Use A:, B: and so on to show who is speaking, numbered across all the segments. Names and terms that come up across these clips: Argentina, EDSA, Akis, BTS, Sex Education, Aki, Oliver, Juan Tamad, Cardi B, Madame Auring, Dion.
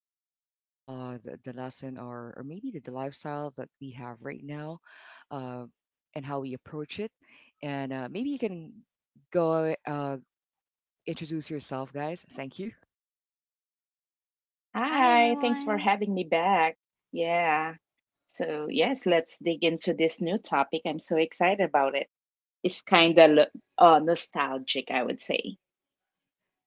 A: question, the lesson or maybe the lifestyle that we have right now, uh, and how we approach it, and maybe you can go introduce yourself, guys. Thank you.
B: Hi,
C: Hi, thanks for
B: everyone.
C: having me back. Yeah. So, yes, let's dig into this new topic. I'm so excited about it. It's kind of nostalgic, I would say.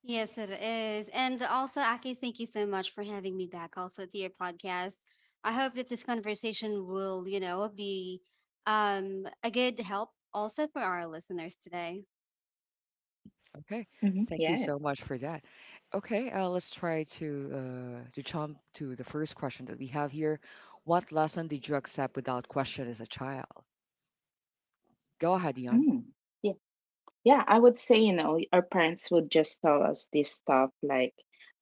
B: Yes, it is. And also, Aki, thank you so much for having me back also to your podcast. I hope that this conversation will, you know, be a good help also for our listeners today.
A: Okay,
C: Hmm.
A: thank you
C: Yes.
A: so much for that. Okay, let's try to jump to the first question that we have here. What lesson did you accept without question as a child? Go ahead, Dion.
C: Mm. Yeah. Yeah, I would say, you know, our parents would just tell us this stuff like,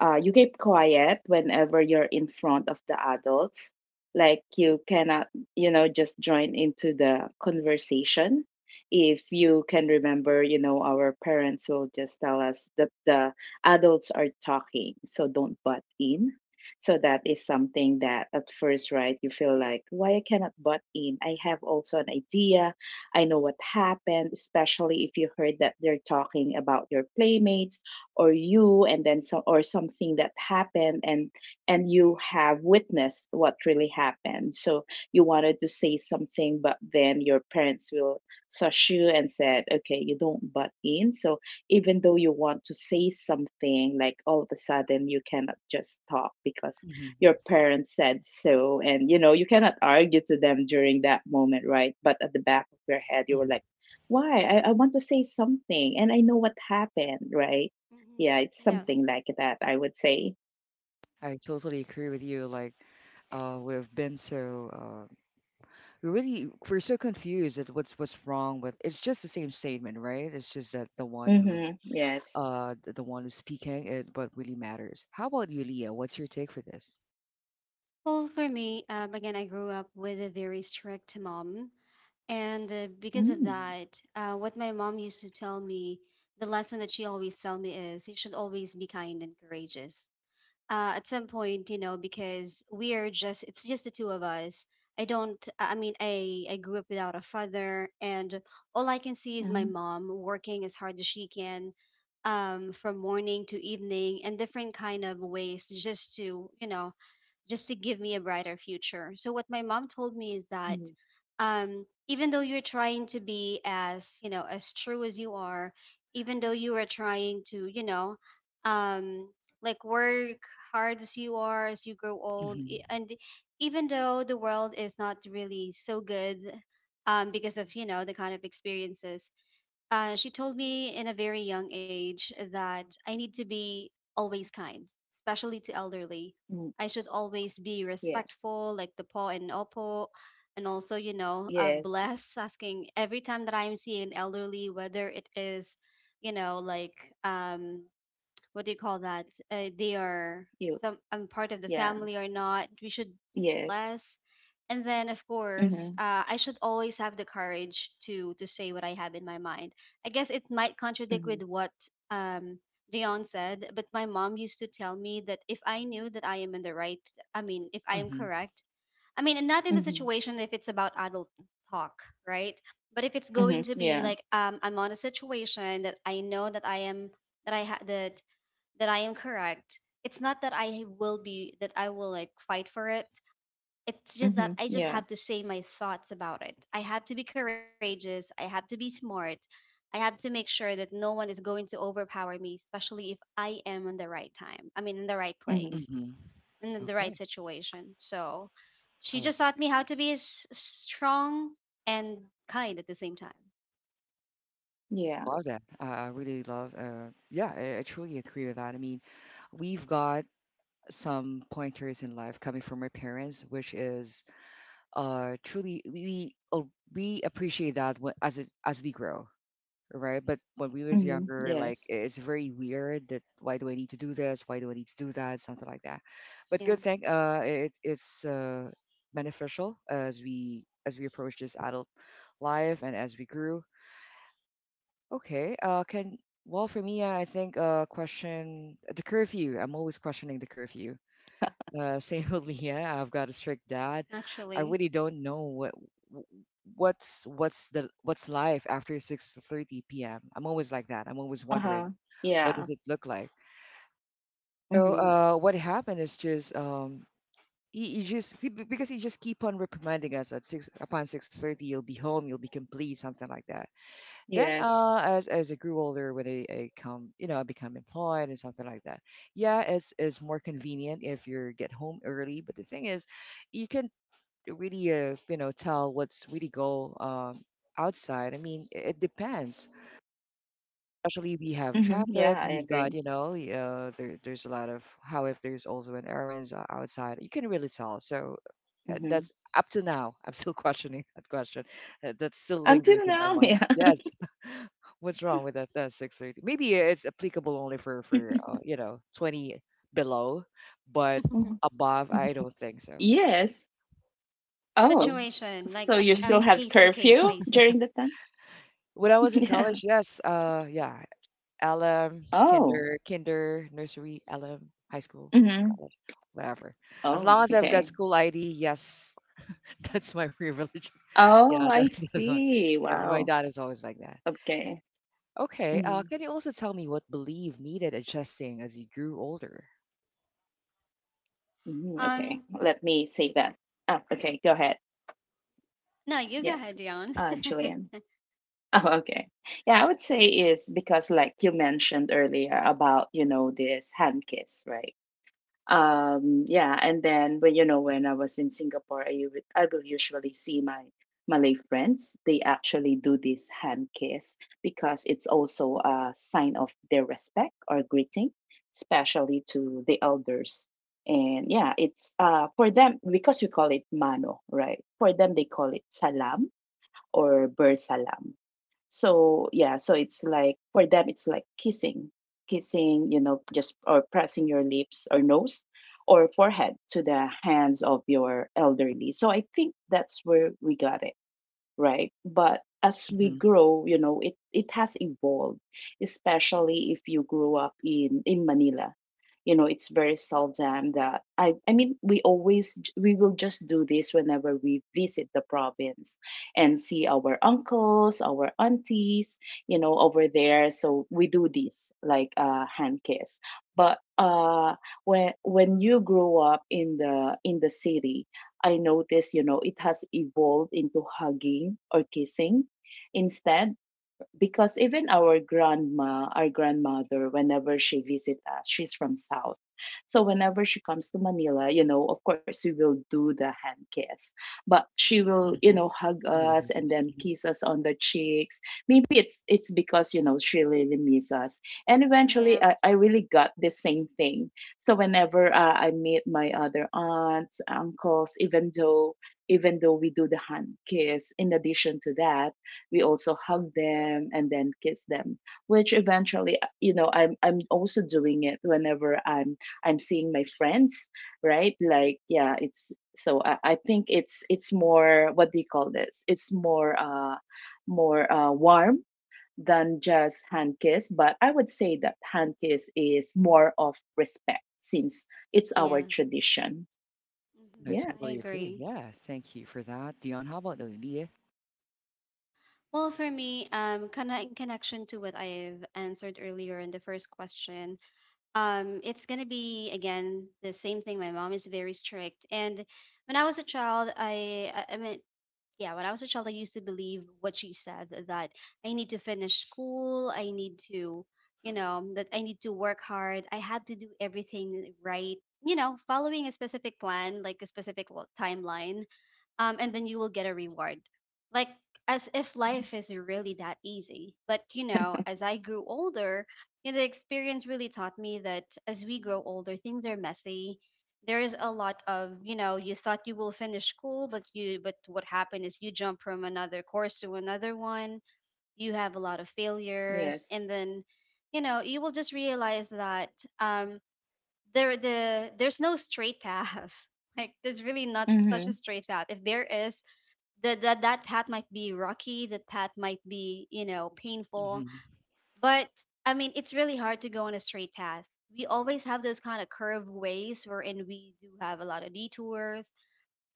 C: you keep quiet whenever you're in front of the adults. Like, you cannot, you know, just join into the conversation. If you can remember, you know, our parents will just tell us that the adults are talking, so don't butt in. So that is something that at first, right, you feel like, why I cannot butt in? I have also an idea. I know what happened, especially if you heard that they're talking about your playmates or you, and then some or something that happened, and you have witnessed what really happened. So you wanted to say something, but then your parents will sush you and said, "Okay, you don't butt in." So even though you want to say something, like all of a sudden you cannot just talk because
A: hmm
C: your parents said so, and you know you cannot argue to them during that moment, right? But at the back of your head you were
A: hmm
C: like, why I want to say something and I know what happened, right? Yeah, it's
B: Yes.
C: something like that, I would say.
A: I totally agree with you. Like, we've been so uh, we're so confused at what's wrong with. It's just the same statement, right? It's just that
C: Mm-hmm. Yes.
A: the one who's speaking is what really matters. How about you, Leah? What's your take for this?
B: Well, for me, again, I grew up with a very strict mom. And because
C: Mm.
B: of that, what my mom used to tell me, the lesson that she always tell me is you should always be kind and courageous at some point, you know, because we are just, it's just the two of us. I don't, I mean, I grew up without a father, and all I can see
C: Mm.
B: is my mom working as hard as she can from morning to evening in different kind of ways just to, you know, just to give me a brighter future. So what my mom told me is
C: Mm,
B: that even though you're trying to be as you know as true as you are, even though you are trying to you know um, like work hard as you are as you grow old,
A: hmm
B: and even though the world is not really so good because of you know the kind of experiences she told me in a very young age that I need to be always kind, especially to elderly.
C: mm.
B: I should always be
C: Yeah.
B: respectful, like the po and opo, and also, you know,
C: Yes.
B: bless, asking every time that I'm seeing an elderly, whether it is, you know, like um, what do you call that? They are
C: You.
B: some I'm part of the
C: Yeah.
B: family or not. We should
C: Yes.
B: bless, and then of course,
C: Mm-hmm.
B: I should always have the courage to say what I have in my mind. I guess it might contradict with
C: Mm-hmm.
B: what um Dion said, but my mom used to tell me that if I knew that I am in the right, I mean, if I am
A: hmm
B: correct, I mean, and not in the
C: Mm-hmm.
B: situation if it's about adult talk, right? But if it's going to
C: Mm-hmm.
B: be like
C: Yeah.
B: I'm on a situation that I know that I am that I am correct. It's not that I will be that I will like fight for it. It's just that I just
C: Mm-hmm.
B: have to
C: Yeah.
B: say my thoughts about it. I have to be courageous, I have to be smart. I have to make sure that no one is going to overpower me, especially if I am in the right time. I mean in the right place
A: hmm
C: Mm-hmm.
B: and in the right
A: Okay.
B: situation. So she
A: Oh,
B: just taught me how to be strong and kind at the same time.
A: love that.
C: Yeah.
A: I really love. Yeah, I truly agree with that. I mean, we've got some pointers in life coming from our parents, which is truly we appreciate that when, as we grow, right? But when we was younger,
C: Mm-hmm.
A: like it's
C: Yes.
A: very weird that why do I need to do this? Why do I need to do that? Something like that. But
B: Yeah,
A: good thing, it it's beneficial as we approach this adult life and as we grew. Okay. Can Well, for me, I think question the curfew. I'm always questioning the curfew. Same with Leah. I've got a strict dad. I
B: actually.
A: really don't know wh- what's life after 6:30 p.m. I'm always like that. I'm always wondering
C: Uh-huh.
A: what does it look
C: Yeah.
A: like. So what
C: Mm-hmm.
A: happened is just. Because he just keep on reprimanding us at 6 upon 6:30 you'll be home you'll be complete something like that then, as
C: Yes.
A: as I grew older, when I come, you know, I become employed and something like that. Yeah, it's more convenient if you get home early. But the thing is, you can really, you know, tell what's really go outside. I mean, it depends. Especially we have
C: Mhm. Yeah, I
A: traffic. We've
C: agree.
A: got, you know, there's a lot of how if there's also an errands outside. You can really tell. So
C: Mhm.
A: that's up to now. I'm still questioning that question. That still lingers
C: Until
A: in my
C: now,
A: mind.
C: yeah.
A: Yes. What's wrong with that? That's 6:30. Maybe it's applicable only for you know 20 below, but
C: Mhm,
A: above,
C: mhm.
A: I don't think so.
C: Yes. Oh,
A: Okay.
B: Situation like
C: so you
B: in
C: still
A: hmm
B: case to
C: have
B: case
C: curfew
B: basis.
C: during the time?
A: When I was in
C: Yeah.
A: college, yes, yeah, LM,
C: Oh.
A: kinder, nursery, LM, high school,
C: Mm-hmm.
A: college, whatever. As long
C: Oh,
A: as I've got
C: okay.
A: school ID, yes, that's my privilege. Yeah,
C: Oh, I
A: that's one.
C: see.
A: Yeah, my
C: Wow.
A: dad is always like that.
C: Okay.
A: Okay,
C: Hmm.
A: can you also tell me what belief needed adjusting as you grew older?
C: Okay,
B: Um,
C: let me say that. Ah, okay, go ahead.
B: no, you go ahead,
C: Yes.
B: Dion.
C: Julian. Oh, okay. Yeah, I would say is because like you mentioned earlier about, you know, this hand kiss, right? Yeah, and then, but you know, when I was in Singapore, I will usually see my Malay friends. They actually do this hand kiss because it's also a sign of their respect or greeting, especially to the elders. And yeah, it's for them, because we call it mano, right? For them, they call it salam or ber salam. So yeah, so it's like for them it's like kissing, you know, just or pressing your lips or nose or forehead to the hands of your elderly. So I think that's where we got it, right? But as we grow, you know, it has evolved, especially if you grew up in Manila. You know, it's very seldom that we always, we will just do this whenever we visit the province and see our uncles, our aunties, you know, over there. So we do this like hand kiss. But when you grow up in the city, I noticed, you know, it has evolved into hugging or kissing instead, because even our grandma, our grandmother, whenever she visits us, she's from South. So whenever she comes to Manila, you know, of course we will do the hand kiss, but she will, you know,
A: Mm-hmm.
C: hug
A: What a
C: us and
A: heritage.
C: then
A: Mhm.
C: kiss us on the cheeks. Maybe it's because you know she really misses us. And
B: Yeah,
C: eventually, I really got the same thing. So whenever I meet my other aunts, uncles, even though we do the hand kiss, in addition to that we also hug them and then kiss them, which eventually, you know, I'm also doing it whenever I'm seeing my friends, right? Like yeah, it's so I think it's more, what do you call this, it's more warm than just hand kiss. But I would say that hand kiss is more of respect since it's our
B: yes,
C: tradition.
A: I
C: Yeah.
B: I
A: totally agree.
B: agree.
A: Yeah, thank you for that, Dion. How about Leah?
B: Well, for me, kinda in connection to what I've answered earlier in the first question, it's gonna be again the same thing. My mom is very strict, and when I was a child, I mean, yeah, when I was a child, I used to believe what she said that I need to finish school, I need to, you know, that I need to work hard, I had to do everything right, you know, following a specific plan, like a specific timeline and then you will get a reward. Like as if life is really that easy. But you know, as I grew older, you know, the experience really taught me that as we grow older, things are messy. There is a lot of you know, you thought you will finish school, but you but what happened is you jump from another course to another one. You have a lot of
C: Yes.
B: failures, and then you know you will just realize that um, the there's no straight path. Like there's really not
C: Mm-hmm.
B: such a straight path. If there is, that path might be rocky, that path might be you know painful,
A: hmm
B: but I mean it's really hard to go on a straight path. We always have those kind of curved ways wherein we do have a lot of detours,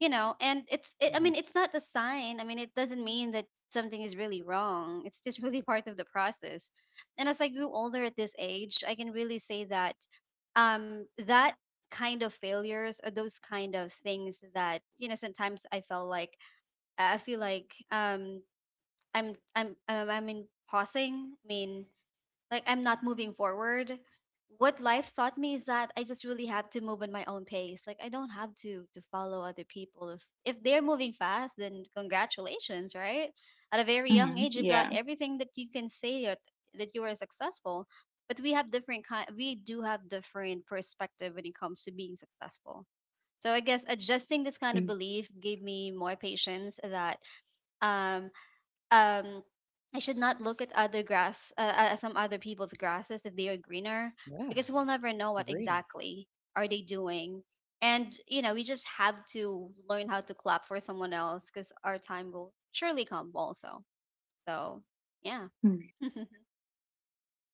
B: you know, and I
A: hmm
B: mean it's not a sign, I mean it doesn't mean that something is really wrong, it's just really, part of the process. And as I grew older at this age I can really say that that kind of failures or those kind of things that you know sometimes I felt like I feel like I'm I in pausing. I mean like I'm not moving forward. What life taught me is that I just really have to move at my own pace. Like I don't have to follow other people. If they're moving fast, then congratulations, right? At a very
C: Mm-hmm.
B: young age, you've
C: Yeah.
B: got everything that you can say that that you are successful. But we have different kind. We do have different perspective when it comes to being successful. So I guess adjusting this kind of belief gave me more patience that um um I should not look at other grass, some other people's grasses if they are greener,
A: Yeah,
B: because we'll never know what
A: agree.
B: exactly are they doing. And you know, we just have to learn how to clap for someone else because our time will surely come also. So yeah,
C: Mm-hmm.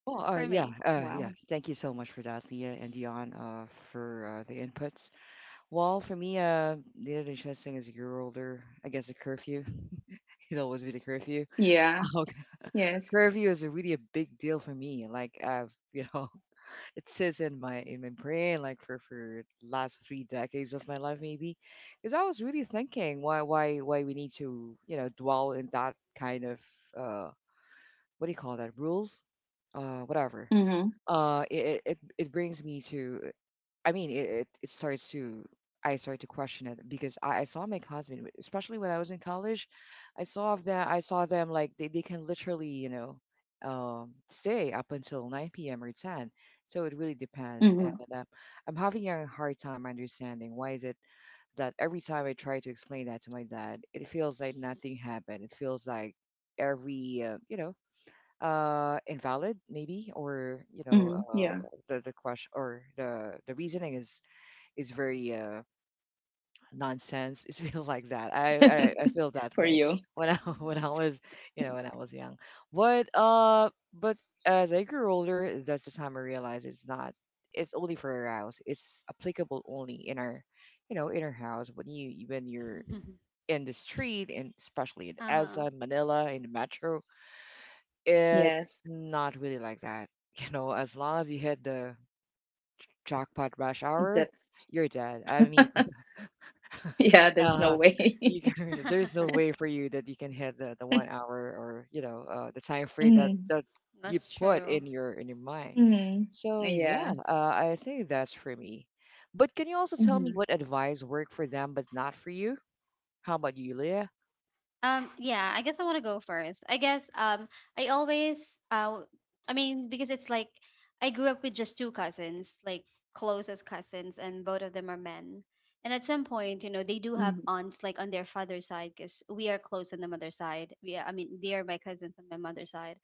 A: Well,
B: that's for me.
A: yeah.
C: Wow.
A: Thank you so much for that, Leah and Dion, for the inputs. Well, for me, the interesting as you grew older, I guess the curfew. It'll always be the curfew.
C: Yeah.
A: Okay.
C: Yes.
A: Curfew is a really a big deal for me. Like, I've, you know, it sits in my brain like for last 3 decades of my life maybe because I was really thinking why we need to you know dwell in that kind of uh what do you call that rules whatever
C: Mhm.
A: it brings me to. I mean, I started to question it because I saw my classmates, especially when I was in college, I saw them like they can literally, you know, stay up until 9 p.m. or 10. So it really depends. And
C: Mhm.
A: I'm having a hard time understanding why is it that every time I try to explain that to my dad, it feels like nothing happened. It feels like every, you know, invalid maybe or you know
C: Mhm. Yeah.
A: the question or the reasoning is very nonsense. It feels like that. I feel that
C: For
A: way
C: you.
A: when I when I
B: hmm
A: was you know when I was young. But as I grew older, that's the time I realized it's not. It's only for our house. It's applicable only in our house when you're in the street and especially in
B: uh
A: EDSA, Manila, in the metro.
C: Yes.
A: It's not really like that. You know, as long as you hit the jackpot rush hour,
C: That's
A: you're dead. I mean,
C: yeah, there's no
A: Uh,
C: way.
A: you can, there's
B: huh.
A: no way for you that you can hit the one hour or you know the time frame that
C: Mhm.
A: that you
B: That's
A: put
B: true.
A: in your mind.
C: Mhm.
A: So yeah,
C: Yeah.
A: I think that's for me. But can you also tell me
C: Mhm.
A: what advice worked for them but not for you? How about you, Leah?
B: Yeah, I guess I want to go first. I guess I always I mean because it's like I grew up with just two cousins, like closest cousins, and both of them are men. And at some point, you know, they do have
C: Mhm.
B: aunts like on their father's side because we are close on the mother's side. Yeah, I mean, they are my cousins on my mother's side,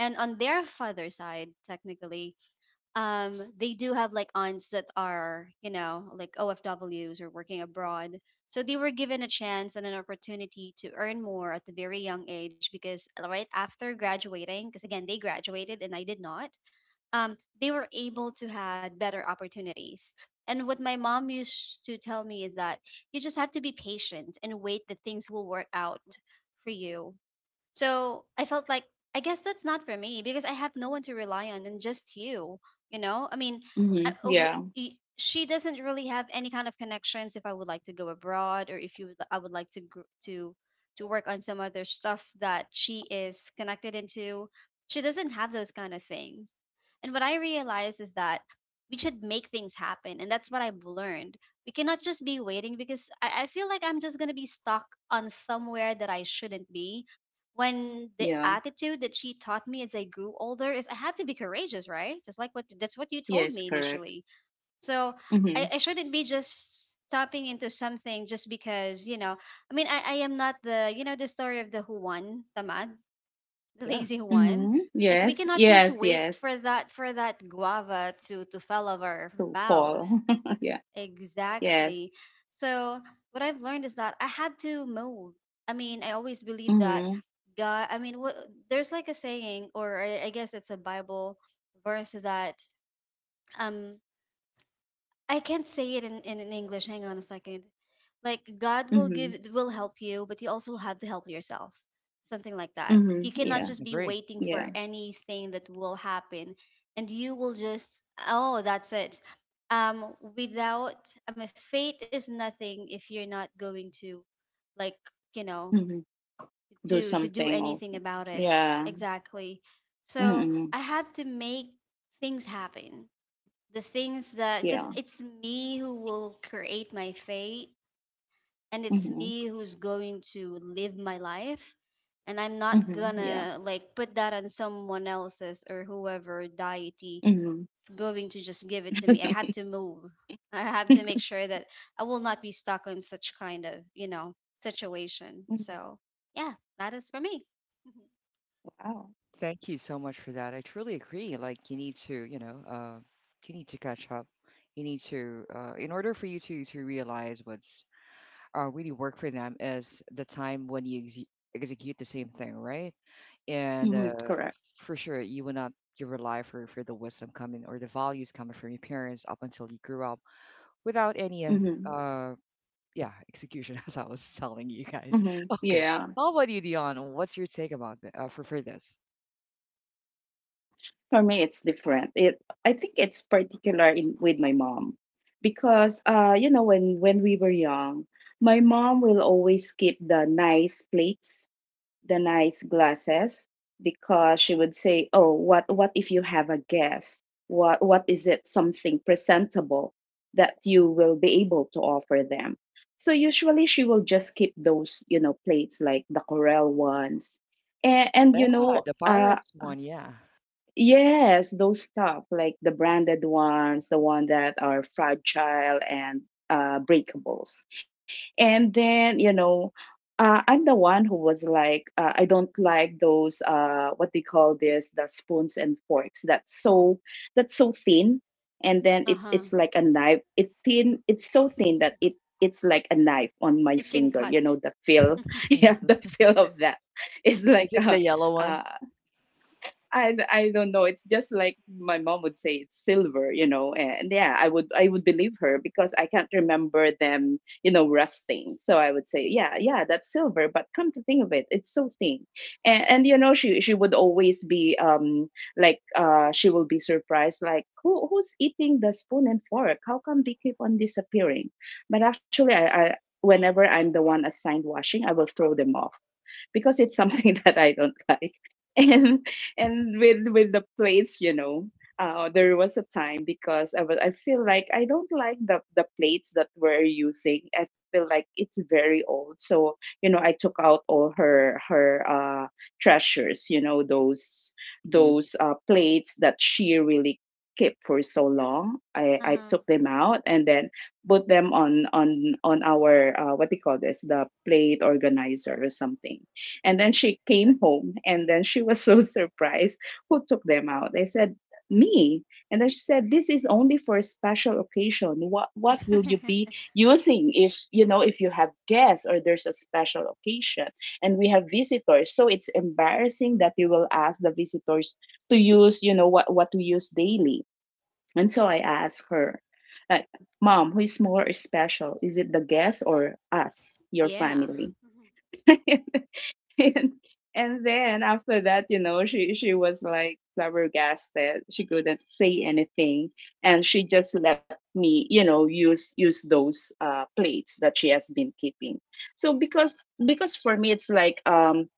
B: and on their father's side, technically, they do have like aunts that are you know like OFWs or working abroad, so they were given a chance and an opportunity to earn more at a very young age because right after graduating, because again they graduated and I did not they were able to had better opportunities, and what my mom used to tell me is that you just have to be patient and wait that things will work out for you. So I felt like I guess that's not for me because I have no one to rely on and just you. You know, I mean,
C: Mhm. Yeah.
B: she doesn't really have any kind of connections. If I would like to go abroad or if I would like to to work on some other stuff that she is connected into. She doesn't have those kind of things. And what I realized is that we should make things happen, and that's what I've learned. We cannot just be waiting because I feel like I'm just gonna be stuck on somewhere that I shouldn't be when the
C: Yeah.
B: attitude that she taught me as I grew older is I have to be courageous, right? Just like what that's what you told
C: Yes,
B: me
C: correct.
B: initially. So
C: Mhm.
B: I shouldn't be just stopping into something just because, you know, I am not the you know the story of the Juan, Tamad, the
A: Yeah.
B: lazy Juan.
C: Mhm.
B: Like we
C: Yes.
B: cannot just
C: Yes,
B: wait
C: yes.
B: for that guava to fall out of our
C: To
B: mouth.
C: fall. Yeah. Yes.
B: Exactly. So what I've learned is that I had to move. I mean, I always believe that
C: Mhm.
B: God. I mean, what, there's like a saying, or I guess it's a Bible verse that um I can't say it in English. Hang on a second. Like God will
C: Mhm.
B: give will help you, but you also have to help yourself. Something like that.
C: Mhm.
B: You
A: Mm.
C: Yeah.
B: cannot just be
A: Agree.
B: waiting
C: Yeah.
B: for anything that will happen and you will just oh, that's it. Without I mean faith is nothing if you're not going to like, you know,
C: Mhm. Do
B: do to do
C: something
B: anything
C: also.
B: about it.
C: Yeah.
B: Exactly. So
C: Mhm.
B: I had to make things happen, the things that because
C: Yeah.
B: it's me who will create my fate, and it's
C: Mhm.
B: me who's going to live my life, and I'm not
C: Mhm. Yeah.
B: gonna like put that on someone else's or whoever deity
C: Mhm.
B: is going to just give it to me. I have
C: Mhm.
B: to move, I have to make sure that I will not be stuck in such kind of you know situation. So yeah, that is for me.
C: Wow.
A: Thank you so much for that. I truly agree. Like you need to, you know, you need to catch up. You need to, in order for you to realize what's really work for them is the time when you execute the same thing, right? And
C: Hmm, correct.
A: for sure, you will not you rely for the wisdom coming or the values coming from your parents up until you grew up without any
C: hmm
A: uh, yeah execution, as I was telling you guys.
C: hmm,
A: Okay,
C: yeah.
A: how about you, Dion? What's your take about for this?
C: For me, it's different. I think it's particular in with my mom because, you know, when we were young, my mom will always keep the nice plates, the nice glasses, because she would say, "Oh, what if you have a guest? What is it something presentable that you will be able to offer them?" So usually she will just keep those, you know, plates like the Corel ones. And you
A: Yeah,
C: know,
A: the pirates one. Yeah.
C: yes, those stuff like the branded ones, the one that are fragile and breakables. And then, you know, I'm the one who was like, I don't like those, what they call this, the spoons and forks. That's so thin. And then
B: uh-huh
C: it's like a knife. It's thin. It's so thin, it's like a knife on my
B: It can
C: finger. You
B: cut.
C: know, the feel. Yeah,
A: Mhm.
C: the feel of that. It's like,
A: Is it the yellow one?
C: uh, I don't know. It's just like my mom would say it's silver, you know. And yeah, I would believe her because I can't remember them, you know, rusting. So I would say, yeah, that's silver. But come to think of it, it's so thin. And you know, she would always be she will be surprised like, who who's eating the spoon and fork? How come they keep on disappearing? But actually, I whenever I'm the one assigned washing, I will throw them off because it's something that I don't like. And with the plates, you know, there was a time because I feel like I don't like the plates that we're using. I feel like it's very old. So you know, I took out all her treasures. You know, those
A: Mm-hmm.
C: those plates that she really kept for so long. I
B: uh-huh
C: took them out and then put them on our, what do you call this, the plate organizer or something. And then she came home and then she was so surprised. Who took them out? I said, me. And then she said, this is only for a special occasion. What will you be using if you know if you have guests or there's a special occasion and we have visitors? So it's embarrassing that you will ask the visitors to use, you know, what we use daily. And so I asked her, like, Mom, who is more special? Is it the guest or us, your
B: Yeah.
C: family? and and then after that, you know, she was like flabbergasted. She couldn't say anything, and she just let me, you know, use those, plates that she has been keeping. So because for me it's like,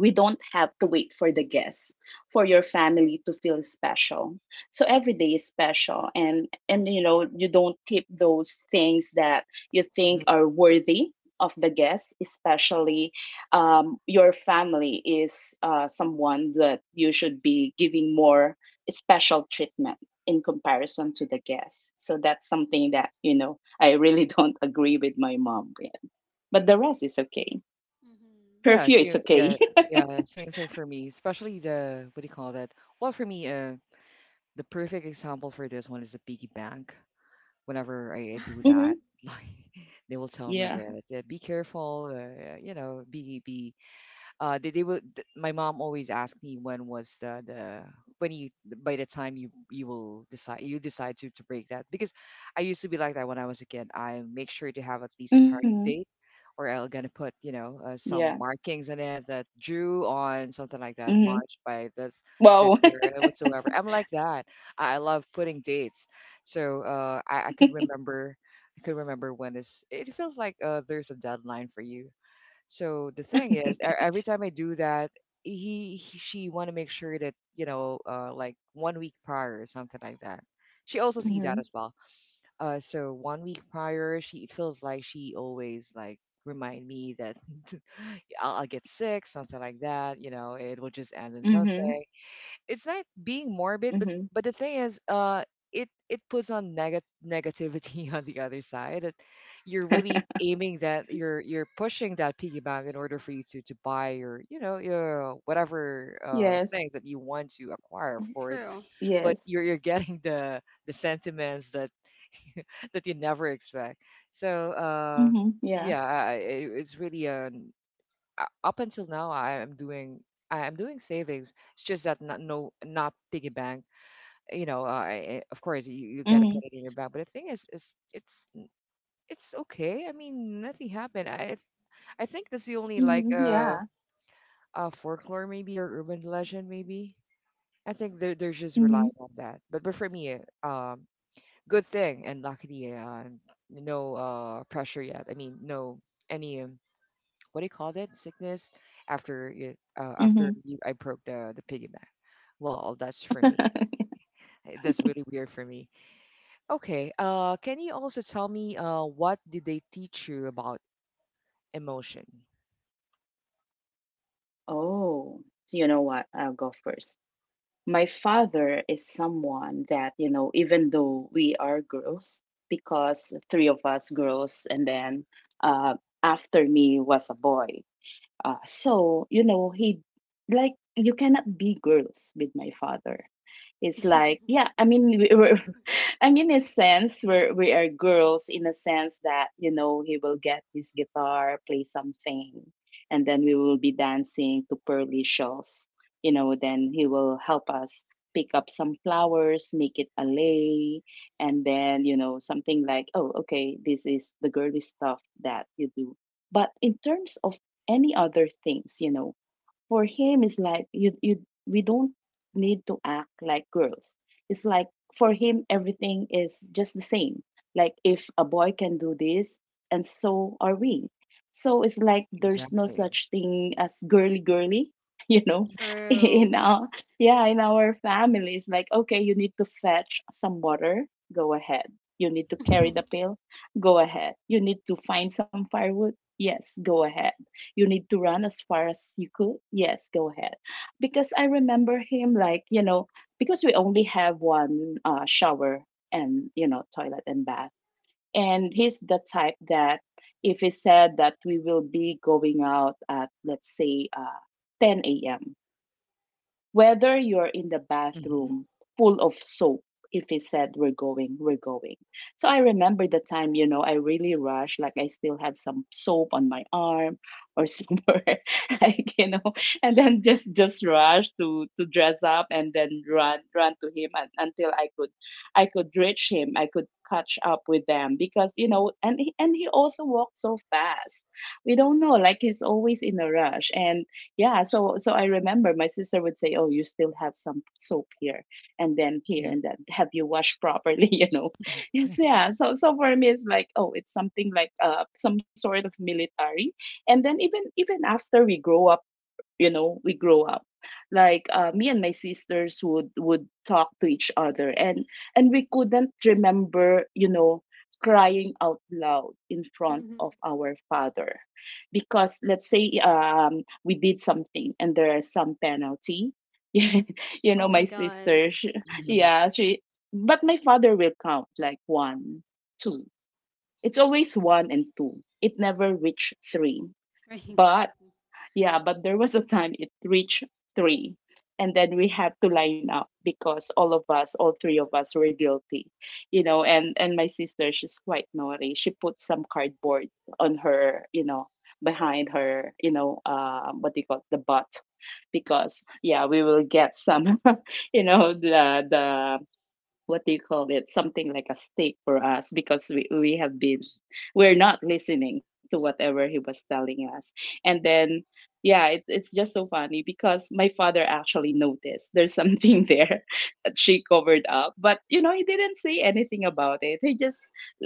C: we don't have to wait for the guests, for your family to feel special. So every day is special. And you know, you don't keep those things that you think are worthy of the guests. Especially, your family is, someone that you should be giving more special treatment in comparison to the guests. So that's something that, you know, I really don't agree with my mom with. But the rest is okay.
B: Mhm.
A: Yeah,
C: Curfew
A: same,
C: is
A: yeah,
C: okay.
A: yeah, same thing for me. Especially the, what do you call that? Well, for me, the perfect example for this one is the piggy bank. Whenever I do that,
B: Mhm.
C: Mhm.
A: like they will tell me
C: Yeah.
A: that, be careful, you know, they will. My mom always asked me when was the when you by the time you will decide you decide to break that because I used to be like that when I was a kid. I make sure to have at least a
C: Mhm.
A: target date, or I'm gonna put you know
C: Yeah.
A: some markings in it that drew on something like that
C: Mhm.
A: March by
C: Whoa.
A: this year or whatsoever. I'm like that. I love putting dates, so I could remember. I could remember when it's. It feels like there's a deadline for you so the thing is, every
C: Nice.
A: time I do that, he she want to make sure that you know, like 1 week prior or something like that. She also see that
C: Mhm.
A: as well. So 1 week prior, she it feels like she always like remind me that I'll get sick, something like that. You know, it will just end in
C: Mhm.
A: something it's not being morbid, but
C: Mhm.
A: the thing is, it puts on negativity on the other side. That you're really aiming that you're pushing that piggy bank in order for you to buy your you know your whatever
C: Yes.
A: things that you want to acquire, of course.
B: True.
A: But
C: Yes.
A: you're getting the sentiments that that you never expect. So
C: Mhm. Yeah.
A: yeah, it's really an up until now I am doing savings. It's just that not no not piggy bank you know, of course you got to
C: Mhm.
A: put it in your bag. But the thing is it's okay. I mean, nothing happened. I think that's the only like
C: Mhm. Yeah.
A: folklore maybe or urban legend maybe. I think they're just
C: Mhm.
A: relying on that. But for me, um, good thing and luckily, no pressure yet. I mean, no any what do you call that sickness after it after
C: Mhm.
A: I broke the piggy bank. Well, that's for me. That's really weird for me. Okay. Can you also tell me what did they teach you about emotion?
C: Oh, you know what? I'll go first. My father is someone that, you know, even though we are girls, because three of us girls, and then uh, after me was a boy. So, you know, you cannot be girls with my father. It's like, yeah, I mean, we're, I mean, in a sense we're, we are girls in a sense that, you know, he will get his guitar, play something, and then we will be dancing to Pearly Shells. You know, then he will help us pick up some flowers, make it a lei, and then, you know, something like, oh, okay, this is the girly stuff that you do. But in terms of any other things, you know, for him it's like, you we don't need to act like girls. It's like, for him everything is just the same. Like, if a boy can do this, and so are we. So it's like there's no
A: Exactly.
C: such thing as girly girly, you know,
B: True.
C: in our, yeah, in our families. Like, okay, you need to fetch some water, go ahead. You need to carry the pail, go ahead. You need to find some firewood, yes, go ahead. You need to run as far as you could, yes, go ahead. Because I remember him, like, you know, because we only have one shower and, you know, toilet and bath. And he's the type that if he said that we will be going out at, let's say, 10 a.m, whether you're in the
A: hmm
C: bathroom full of soap, if he said, we're going, we're going. So I remember the time, you know, I really rushed, like I still have some soap on my arm or somewhere, like, you know, and then just rush to dress up and then run to him until I could, I could reach him, I could catch up with them because, you know, and he also walked so fast. We don't know, like he's always in a rush. And yeah, so I remember my sister would say, oh, you still have some soap here and then here,
A: hmm
C: and then have you washed properly, you know? Yes, yeah, so for me it's like, oh, it's something like some sort of military. And then even after we grow up, you know, we grow up, like, me and my sisters would talk to each other, and we couldn't remember, you know, crying out loud in front
B: hmm
C: of our father. Because let's say we did something and there is some penalty, you know,
B: Oh
C: my
B: my God.
C: sister, she,
A: hmm
C: yeah, she, but my father will count like one, two. It's always one and two, it never reached three.
B: Right. Mhm.
C: But yeah, but there was a time it reached three. And then we had to line up because all of us, all three of us were guilty, you know, and my sister, she's quite naughty. She put some cardboard on her, you know, behind her, you know, what do you call it, the butt. Because yeah, we will get some, you know, the what do you call it, something like a stake for us because we have been, we're not listening to whatever he was telling us. And then yeah, it's just so funny because my father actually noticed there's something there that she covered up. But you know, he didn't say anything about it, he just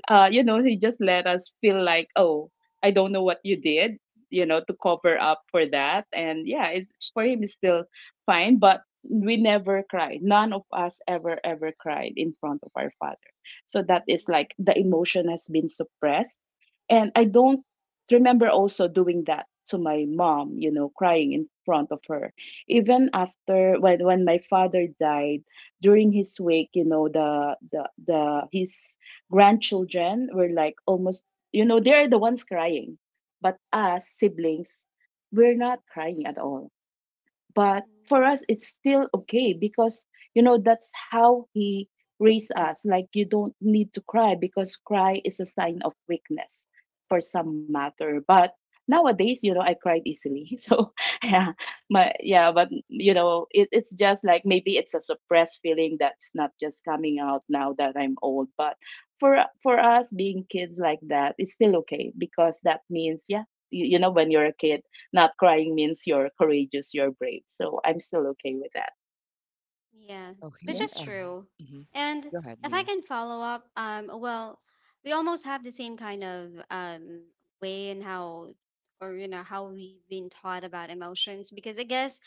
C: you know, he just let us feel like, oh, I don't know what you did, you know, to cover up for that. And yeah, it's, for him it's still fine. But we never cried. None of us ever, ever cried in front of our father. So that is like the emotion has been suppressed. And I don't remember also doing that to my mom, you know, crying in front of her. Even after when my father died, during his wake, you know, the his grandchildren were like almost, you know, they're the ones crying. But us siblings, we're not crying at all. But
B: Mhm.
C: for us it's still okay, because you know, that's how he raised us. Like, you don't need to cry because cry is a sign of weakness for some matter. But nowadays, you know, I cried easily, so yeah, my, yeah, but you know, it's just like maybe it's a suppressed feeling that's not just coming out now that I'm old. But for us being kids like that, it's still okay because that means yeah, you know, when you're a kid, not crying means you're courageous, you're brave. So I'm still okay with that.
B: Yeah, which
C: Yeah.
A: Okay.
B: is true.
A: Hmm
B: And
A: go ahead,
B: if I
A: Leah.
B: can follow up, well, we almost have the same kind of way in how, or you know, how we've been taught about emotions. Because I guess,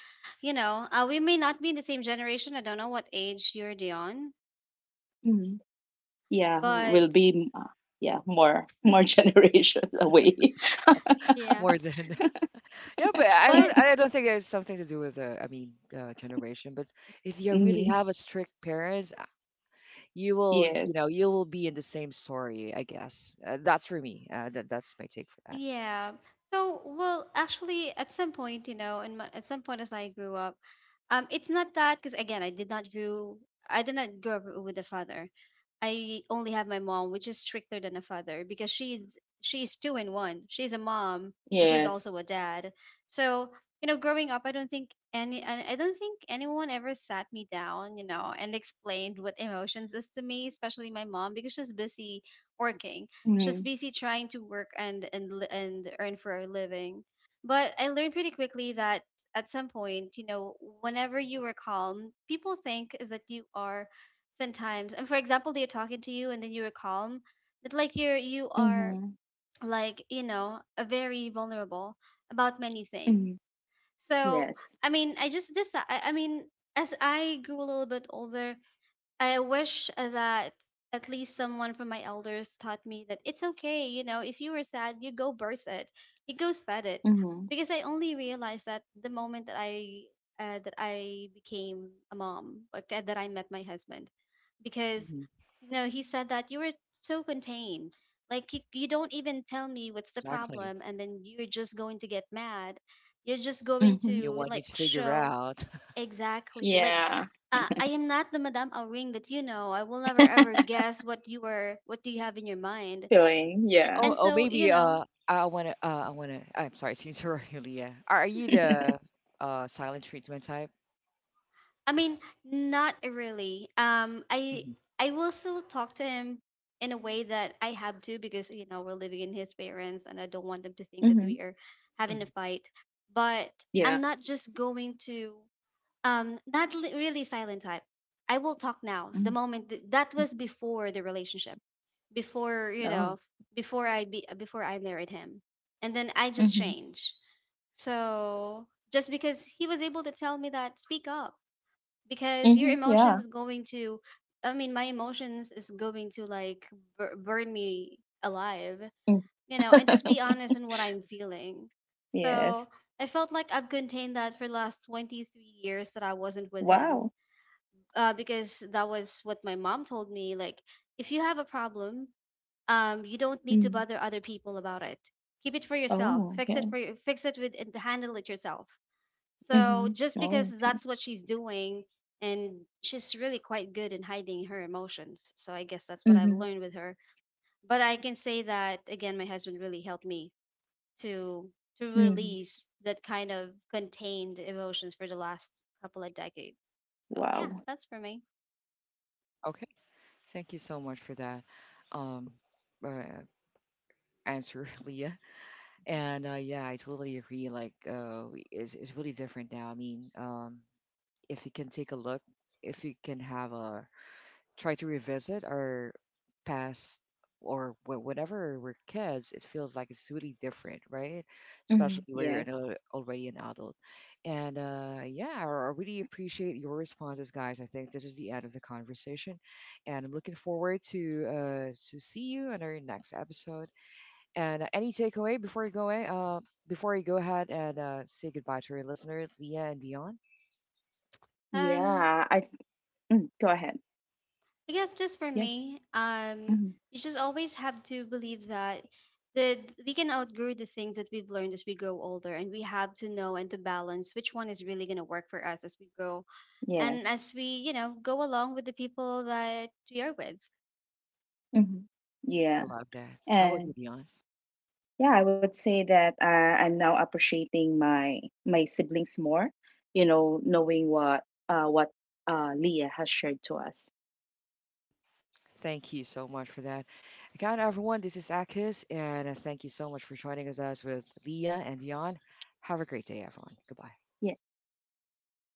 B: we may not be in the same generation. I don't know what age you're Dion,
C: Hmm. Yeah. Will
B: but
C: be, yeah, more generations away.
B: Yeah.
A: More
B: B-
A: than yeah, but I don't.
B: But
A: I don't think there's something to do with I mean, generation. But if you really
C: Hmm.
A: have a strict parents, you will. You
C: Yes.
A: know, you will be in the same story. I guess that's for me. That's my take for that.
B: yeah. So, well, actually, at some point, at some point as I grew up, it's not that because again, I did not grow up with a father. I only have my mom, which is stricter than a father because she's two in one. She's a mom and she's also
C: Yes.
B: a dad. So growing up, I don't think anyone ever sat me down, and explained what emotions is to me, especially my mom, because she's busy working. She's
C: Hmm.
B: busy trying to work and earn for a living. But I learned pretty quickly that at some point, whenever you are calm, people think that you are sometimes. And for example, they're talking to you and then you are calm, that like you are
C: Hmm.
B: like a very vulnerable about many
C: Hmm.
B: things. So
C: Yes.
B: I mean, I mean, as I grew a little bit older, I wish that at least someone from my elders taught me that it's okay, if you were sad, you go burst it, you go set it,
C: Hmm.
B: because I only realized that the moment that I became a mom, like that I met my husband, because
A: hmm
B: he said that you were so contained, like you don't even tell me what's the
A: Exactly.
B: problem, and then you're just going to get mad, you're just going
C: Hmm.
A: You
B: to
A: want me
B: like
A: to figure
B: show.
A: out.
B: Exactly. Like,
C: Yeah.
B: I am not the Madame Auring that you know. I will never ever guess what you are, what do you have in your mind.
C: Feeling. Yeah.
A: Oh,
B: And
A: oh,
B: so,
A: maybe. I wanna. I'm sorry to interrupt you, Leah. Are you the silent treatment type?
B: I mean, not really. I
A: hmm
B: I will still talk to him in a way that I have to because we're living in his parents, and I don't want them to think that we
C: Hmm.
B: are
A: hmm
B: having a fight. But
C: Yeah.
B: I'm not just going to not really silent type. I will talk now. The
C: Mm,
B: moment that
C: mm,
B: was before the relationship, before
C: oh.
B: before I be before I married him, and then I just
C: Mhm,
B: changed. So just because he was able to tell me that speak up because your
C: mhm,
B: emotions
C: yeah.
B: is going to, I mean, my emotions is going to like burn me alive,
C: Mm,
B: and just be honest in what I'm feeling.
C: yes.
B: So I felt like I've contained that for last 23 years that I wasn't with him,
C: Wow.
B: because that was what my mom told me, like if you have a problem, you don't need to
C: Mm.
B: bother other people about it. Keep it for yourself.
C: Oh,
B: Fix it
C: okay.
B: for you. Fix it with and handle it yourself. So
C: Mhm,
B: just because
C: oh, okay.
B: that's what she's doing, and she's really quite good in hiding her emotions. So I guess that's what I've
C: Mm-hmm.
B: learned with her. But I can say that again, my husband really helped me to
C: Mhm.
B: release that kind of contained emotions for the last couple of decades. So yeah,
C: Wow.
B: that's for me.
A: Okay. Thank you so much for that. Um, uh, answer, Leah.
B: Mhm.
A: And yeah, I totally agree. Like, it's really different now. I mean, if you can take a look, if you can have a try to revisit our past or whenever we're kids, it feels like it's really different, right? Especially
C: Mhm.
A: where you're an,
C: Yes.
A: already an adult. And yeah, I really appreciate your responses, guys. I think this is the end of the conversation, and I'm looking forward to see you on our next episode. And any takeaway before you go away? Before you go ahead and say goodbye to our listeners, Leah and Dion.
B: Um,
C: Yeah. Mm, go ahead.
B: I guess just for
C: Yeah.
B: me,
C: Mhm.
B: you just always have to believe that the we can outgrow the things that we've learned as we grow older, and we have to know and to balance which one is really gonna work for us as we grow, and
C: Yes.
B: as we go along with the people that we are with.
C: Hmm.
A: I
C: Yeah.
A: love that. How about you,
C: And
A: Dion?
C: yeah, I would say that I'm now appreciating my my siblings more. You know, knowing what what Leah has shared to us.
A: Thank you so much for that. Again, everyone, this is Akis, and thank you so much for joining us with Leah and Dion. Have a great day, everyone. Goodbye.
C: Yeah. Bye.